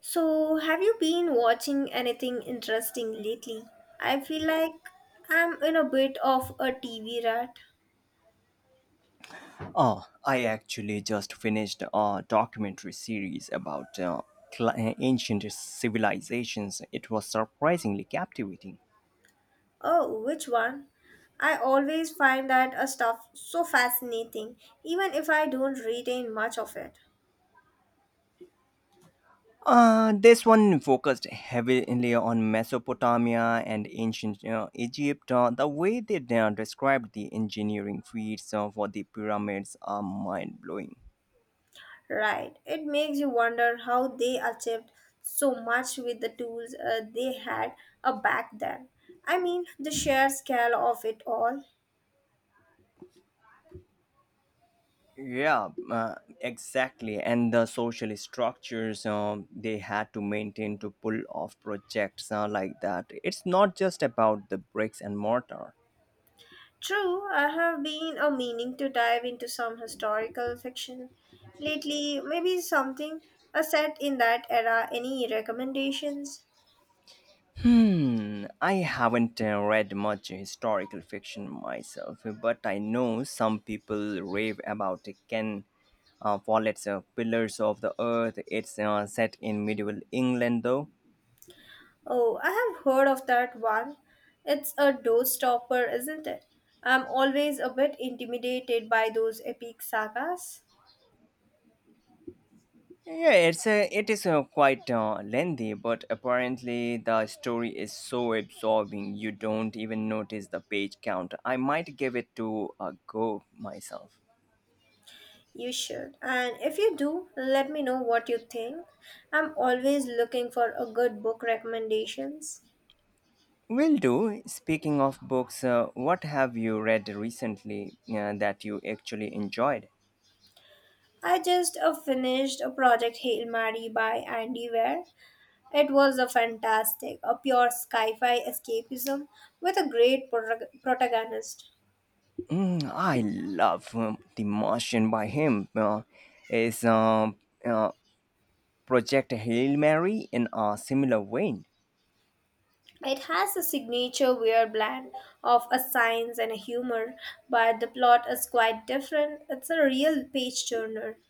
So, have you been watching anything interesting lately? I feel like I'm in a bit of a TV rat. Oh, I actually just finished a documentary series about cl- ancient civilizations. It was surprisingly captivating. Oh, which one? I always find that stuff so fascinating, even if I don't retain much of it. This one focused heavily on Mesopotamia and ancient Egypt. The way they described the engineering feats for the pyramids are mind blowing. Right, it makes you wonder how they achieved so much with the tools they had back then. I mean, the sheer scale of it all. Yeah, exactly. And the social structures they had to maintain to pull off projects like that. It's not just about the bricks and mortar. True, I have been a meaning to dive into some historical fiction lately. Maybe something a set in that era. Any recommendations? Hmm, I haven't read much historical fiction myself, but I know some people rave about it. Follett's Pillars of the Earth. It's set in medieval England, though. Oh, I have heard of that one. It's a door stopper, isn't it? I'm always a bit intimidated by those epic sagas. It is quite lengthy, but apparently the story is so absorbing you don't even notice the page count. I might give it to a go myself. You should. And if you do, let me know what you think. I'm always looking for a good book recommendations. Will do. Speaking of books, what have you read recently that you actually enjoyed? I just finished a project Hail Mary by Andy Weir. It was a fantastic, a pure sci-fi escapism with a great protagonist. Mm, I love The Martian by him. Is uh, Project Hail Mary in a similar vein? It has a signature Weir blend of a science and a humor, but the plot is quite different. It's a real page turner.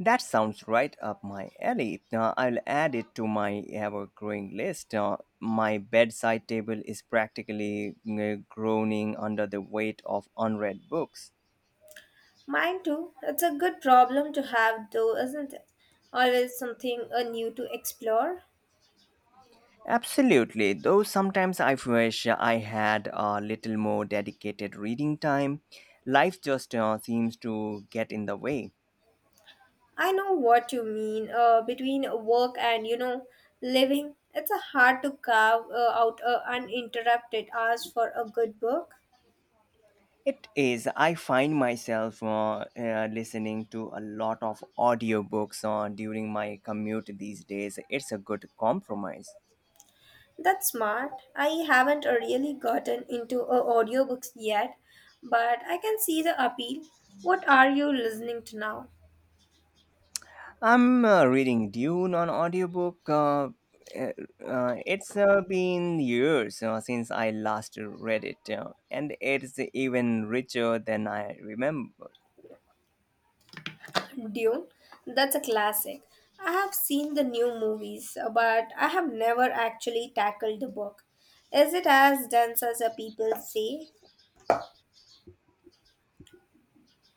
That sounds right up my alley. I'll add it to my ever growing list. My bedside table is practically groaning under the weight of unread books. Mine too. It's a good problem to have though, isn't it? Always something new to explore. Absolutely, though sometimes I wish I had a little more dedicated reading time. Life just seems to get in the way. I know what you mean. Between work and living, it's a hard to carve out a uninterrupted hours for a good book. It is. I find myself listening to a lot of audiobooks during my commute these days. It's a good compromise. That's smart. I haven't really gotten into audiobooks yet, but I can see the appeal. What are you listening to now? I'm reading Dune on audiobook. It's been years since I last read it, and it's even richer than I remember. Dune. That's a classic. I have seen the new movies, but I have never actually tackled the book. Is it as dense as the people say?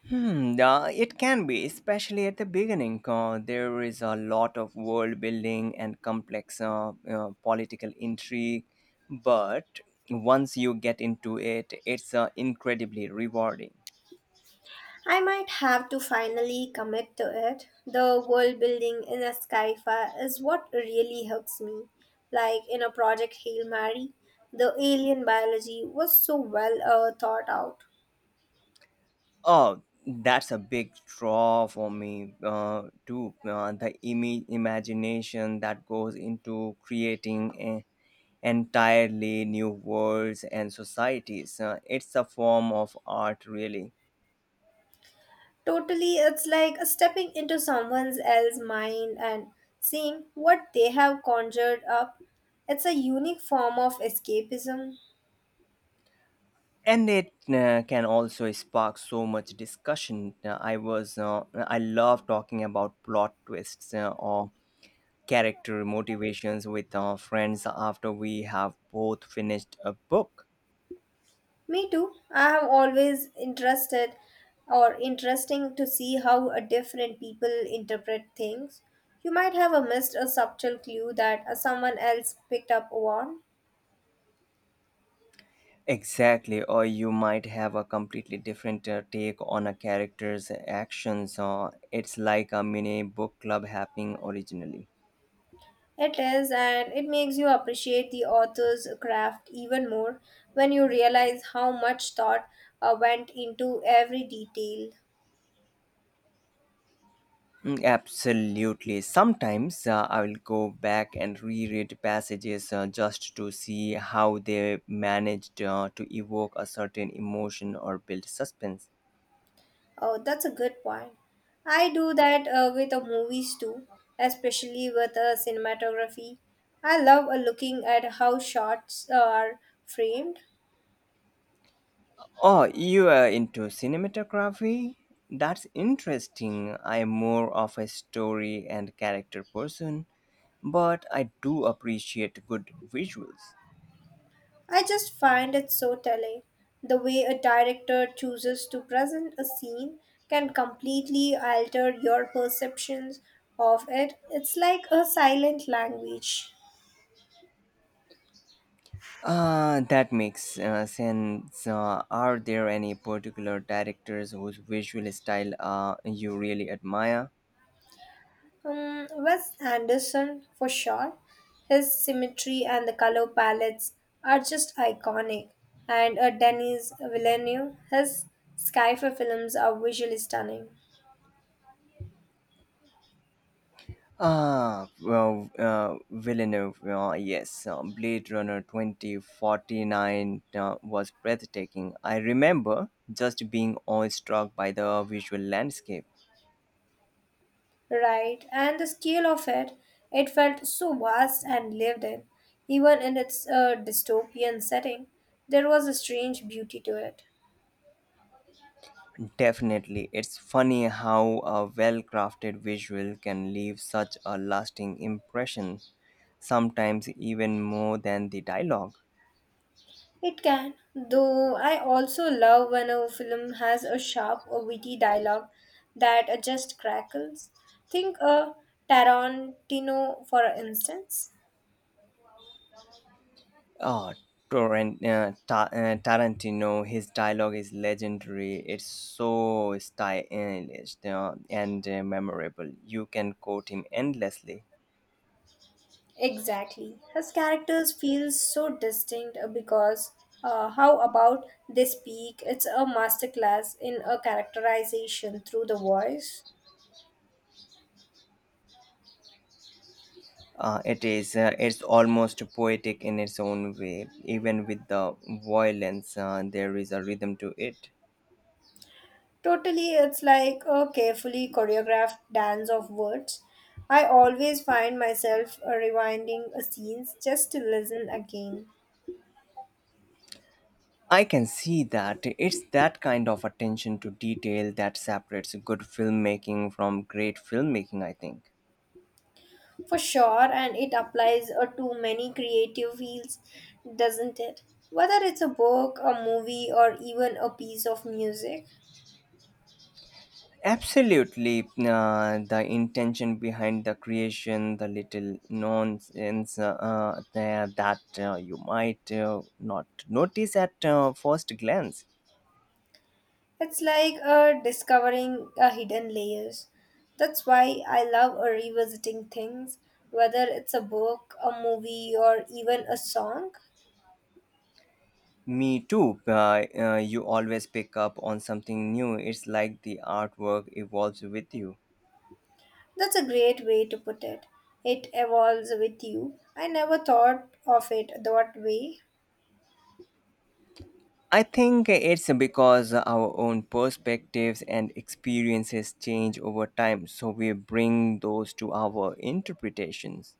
Hmm, it can be, especially at the beginning. There is a lot of world building and complex political intrigue, but once you get into it, it's incredibly rewarding. I might have to finally commit to it. The world building in a skyfire is what really hooks me. Like in a project Hail Mary, the alien biology was so well thought out. Oh, that's a big draw for me too. The imagination that goes into creating a entirely new worlds and societies. It's a form of art, really. Totally, it's like stepping into someone else's mind and seeing what they have conjured up. It's a unique form of escapism. And it can also spark so much discussion. I love talking about plot twists or character motivations with our friends after we have both finished a book. Me too. I have always interested or interesting to see how a different people interpret things. You might have a missed a subtle clue that someone else picked up on. Exactly, or you might have a completely different take on a character's actions. It's like a mini book club happening originally. It is, and it makes you appreciate the author's craft even more when you realize how much thought went into every detail. Mm, absolutely. Sometimes I will go back and reread passages just to see how they managed to evoke a certain emotion or build suspense. Oh, that's a good point. I do that with movies too, especially with cinematography. I love looking at how shots are framed. Oh, you are into cinematography? That's interesting. I am more of a story and character person, but I do appreciate good visuals. I just find it so telling. The way a director chooses to present a scene can completely alter your perceptions of it. It's like a silent language. That makes sense. Are there any particular directors whose visual style you really admire? Wes Anderson, for sure. His symmetry and the color palettes are just iconic. And Denis Villeneuve, his Skyfall films are visually stunning. Ah, well, Villeneuve, yes, Blade Runner 2049 was breathtaking. I remember just being awestruck by the visual landscape. Right, and the scale of it, it felt so vast and lived in. Even in its dystopian setting, there was a strange beauty to it. Definitely. It's funny how a well crafted visual can leave such a lasting impression, sometimes even more than the dialogue. It can, though I also love when a film has a sharp or witty dialogue that just crackles. Think a Tarantino, for instance. Oh, Tarantino, his dialogue is legendary. It's so stylish and memorable. You can quote him endlessly. Exactly. His characters feel so distinct because how about they speak? It's a masterclass in a characterization through the voice. It is. It's almost poetic in its own way. Even with the violence, there is a rhythm to it. Totally, it's like a carefully choreographed dance of words. I always find myself rewinding scenes just to listen again. I can see that. It's that kind of attention to detail that separates good filmmaking from great filmmaking, I think. For sure, and it applies to many creative fields, doesn't it? Whether it's a book, a movie, or even a piece of music, Absolutely. The intention behind the creation, the little nonsense there that you might not notice at first glance. it's like discovering hidden layers. That's why I love revisiting things, whether it's a book, a movie, or even a song. Me too. You always pick up on something new. It's like the artwork evolves with you. That's a great way to put it. It evolves with you. I never thought of it that way. I think it's because our own perspectives and experiences change over time, so we bring those to our interpretations.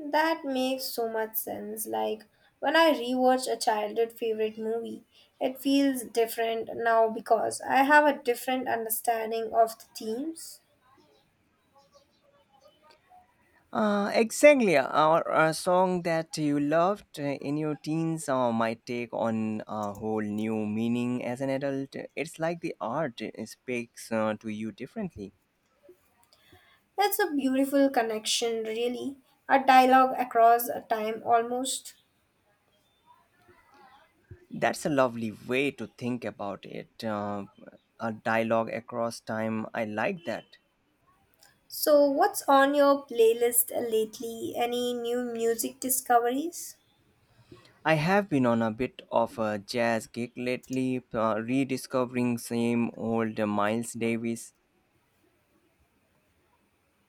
That makes so much sense. Like when I rewatch a childhood favorite movie, it feels different now because I have a different understanding of the themes. Exactly, or a song that you loved in your teens might take on a whole new meaning as an adult. It's like the art speaks to you differently. That's a beautiful connection, really. A dialogue across a time almost. That's a lovely way to think about it. A dialogue across time, I like that. So, what's on your playlist lately? Any new music discoveries? I have been on a bit of a jazz kick lately, rediscovering same old Miles Davis.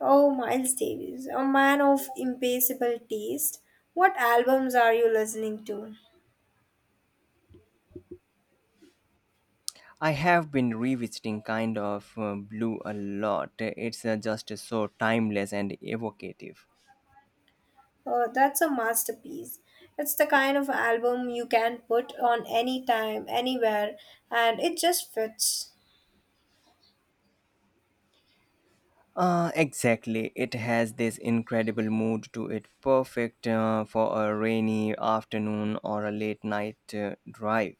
Oh, Miles Davis, a man of impeccable taste. What albums are you listening to? I have been revisiting kind of blue a lot. It's just so timeless and evocative. Oh, that's a masterpiece. It's the kind of album you can put on any time, anywhere, and it just fits. Exactly. It has this incredible mood to it, perfect for a rainy afternoon or a late night drive.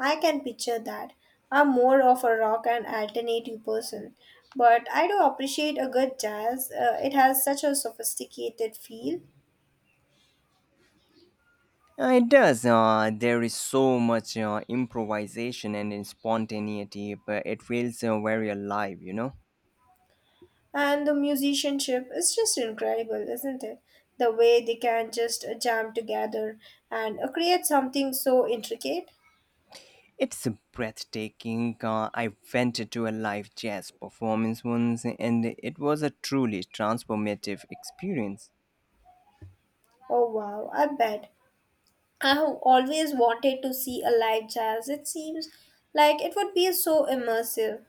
I can picture that. I'm more of a rock and alternative person, but I do appreciate a good jazz. It has such a sophisticated feel. It does. There is so much improvisation and in spontaneity, but it feels very alive, you know? And the musicianship is just incredible, isn't it? The way they can just jam together and create something so intricate. It's breathtaking. I went to a live jazz performance once and it was a truly transformative experience. Oh wow, I bet. I have always wanted to see a live jazz. It seems like it would be so immersive.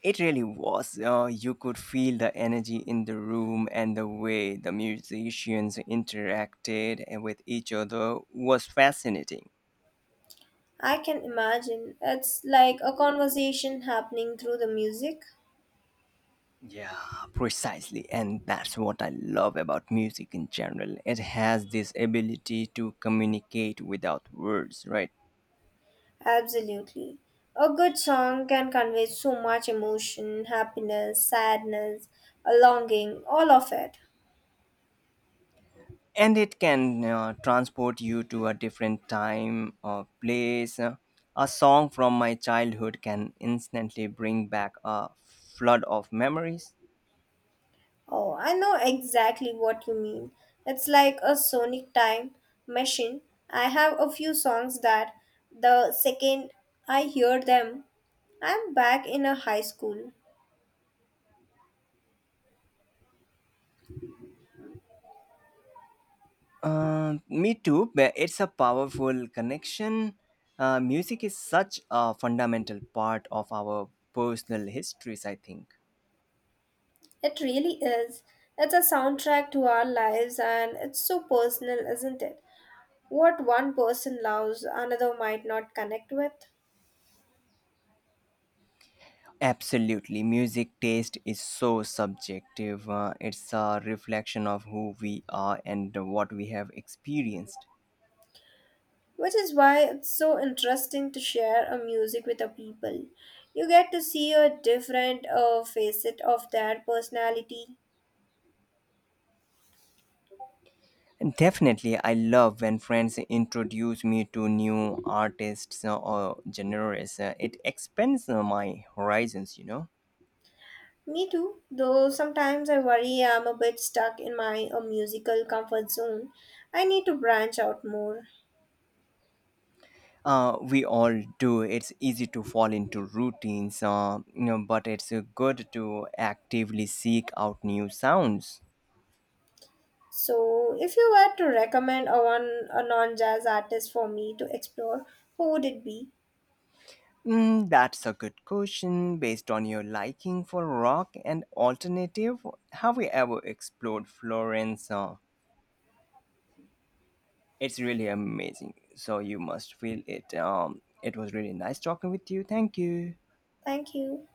It really was. You could feel the energy in the room and the way the musicians interacted with each other was fascinating. I can imagine. It's like a conversation happening through the music. Yeah, precisely. And that's what I love about music in general. It has this ability to communicate without words, right? Absolutely. A good song can convey so much emotion, happiness, sadness, a longing, all of it. And it can transport you to a different time or place. A song from my childhood can instantly bring back a flood of memories. Oh, I know exactly what you mean. It's like a sonic time machine. I have a few songs that the second I hear them, I'm back in a high school. Me too, but it's a powerful connection. Music is such a fundamental part of our personal histories, I think. It really is. It's a soundtrack to our lives and it's so personal, isn't it? What one person loves, another might not connect with. Absolutely. Music taste is so subjective. It's a reflection of who we are and what we have experienced. Which is why it's so interesting to share a music with the people. You get to see a different facet of their personality. Definitely, I love when friends introduce me to new artists or genres. It expands my horizons, you know. Me too, though sometimes I worry I'm a bit stuck in my musical comfort zone. I need to branch out more. We all do. It's easy to fall into routines, you know, but it's good to actively seek out new sounds. So, if you were to recommend a one a non-jazz artist for me to explore, who would it be? Mm, that's a good question. Based on your liking for rock and alternative, have you ever explored Florence? It's really amazing. So you must feel it. It was really nice talking with you. Thank you. Thank you.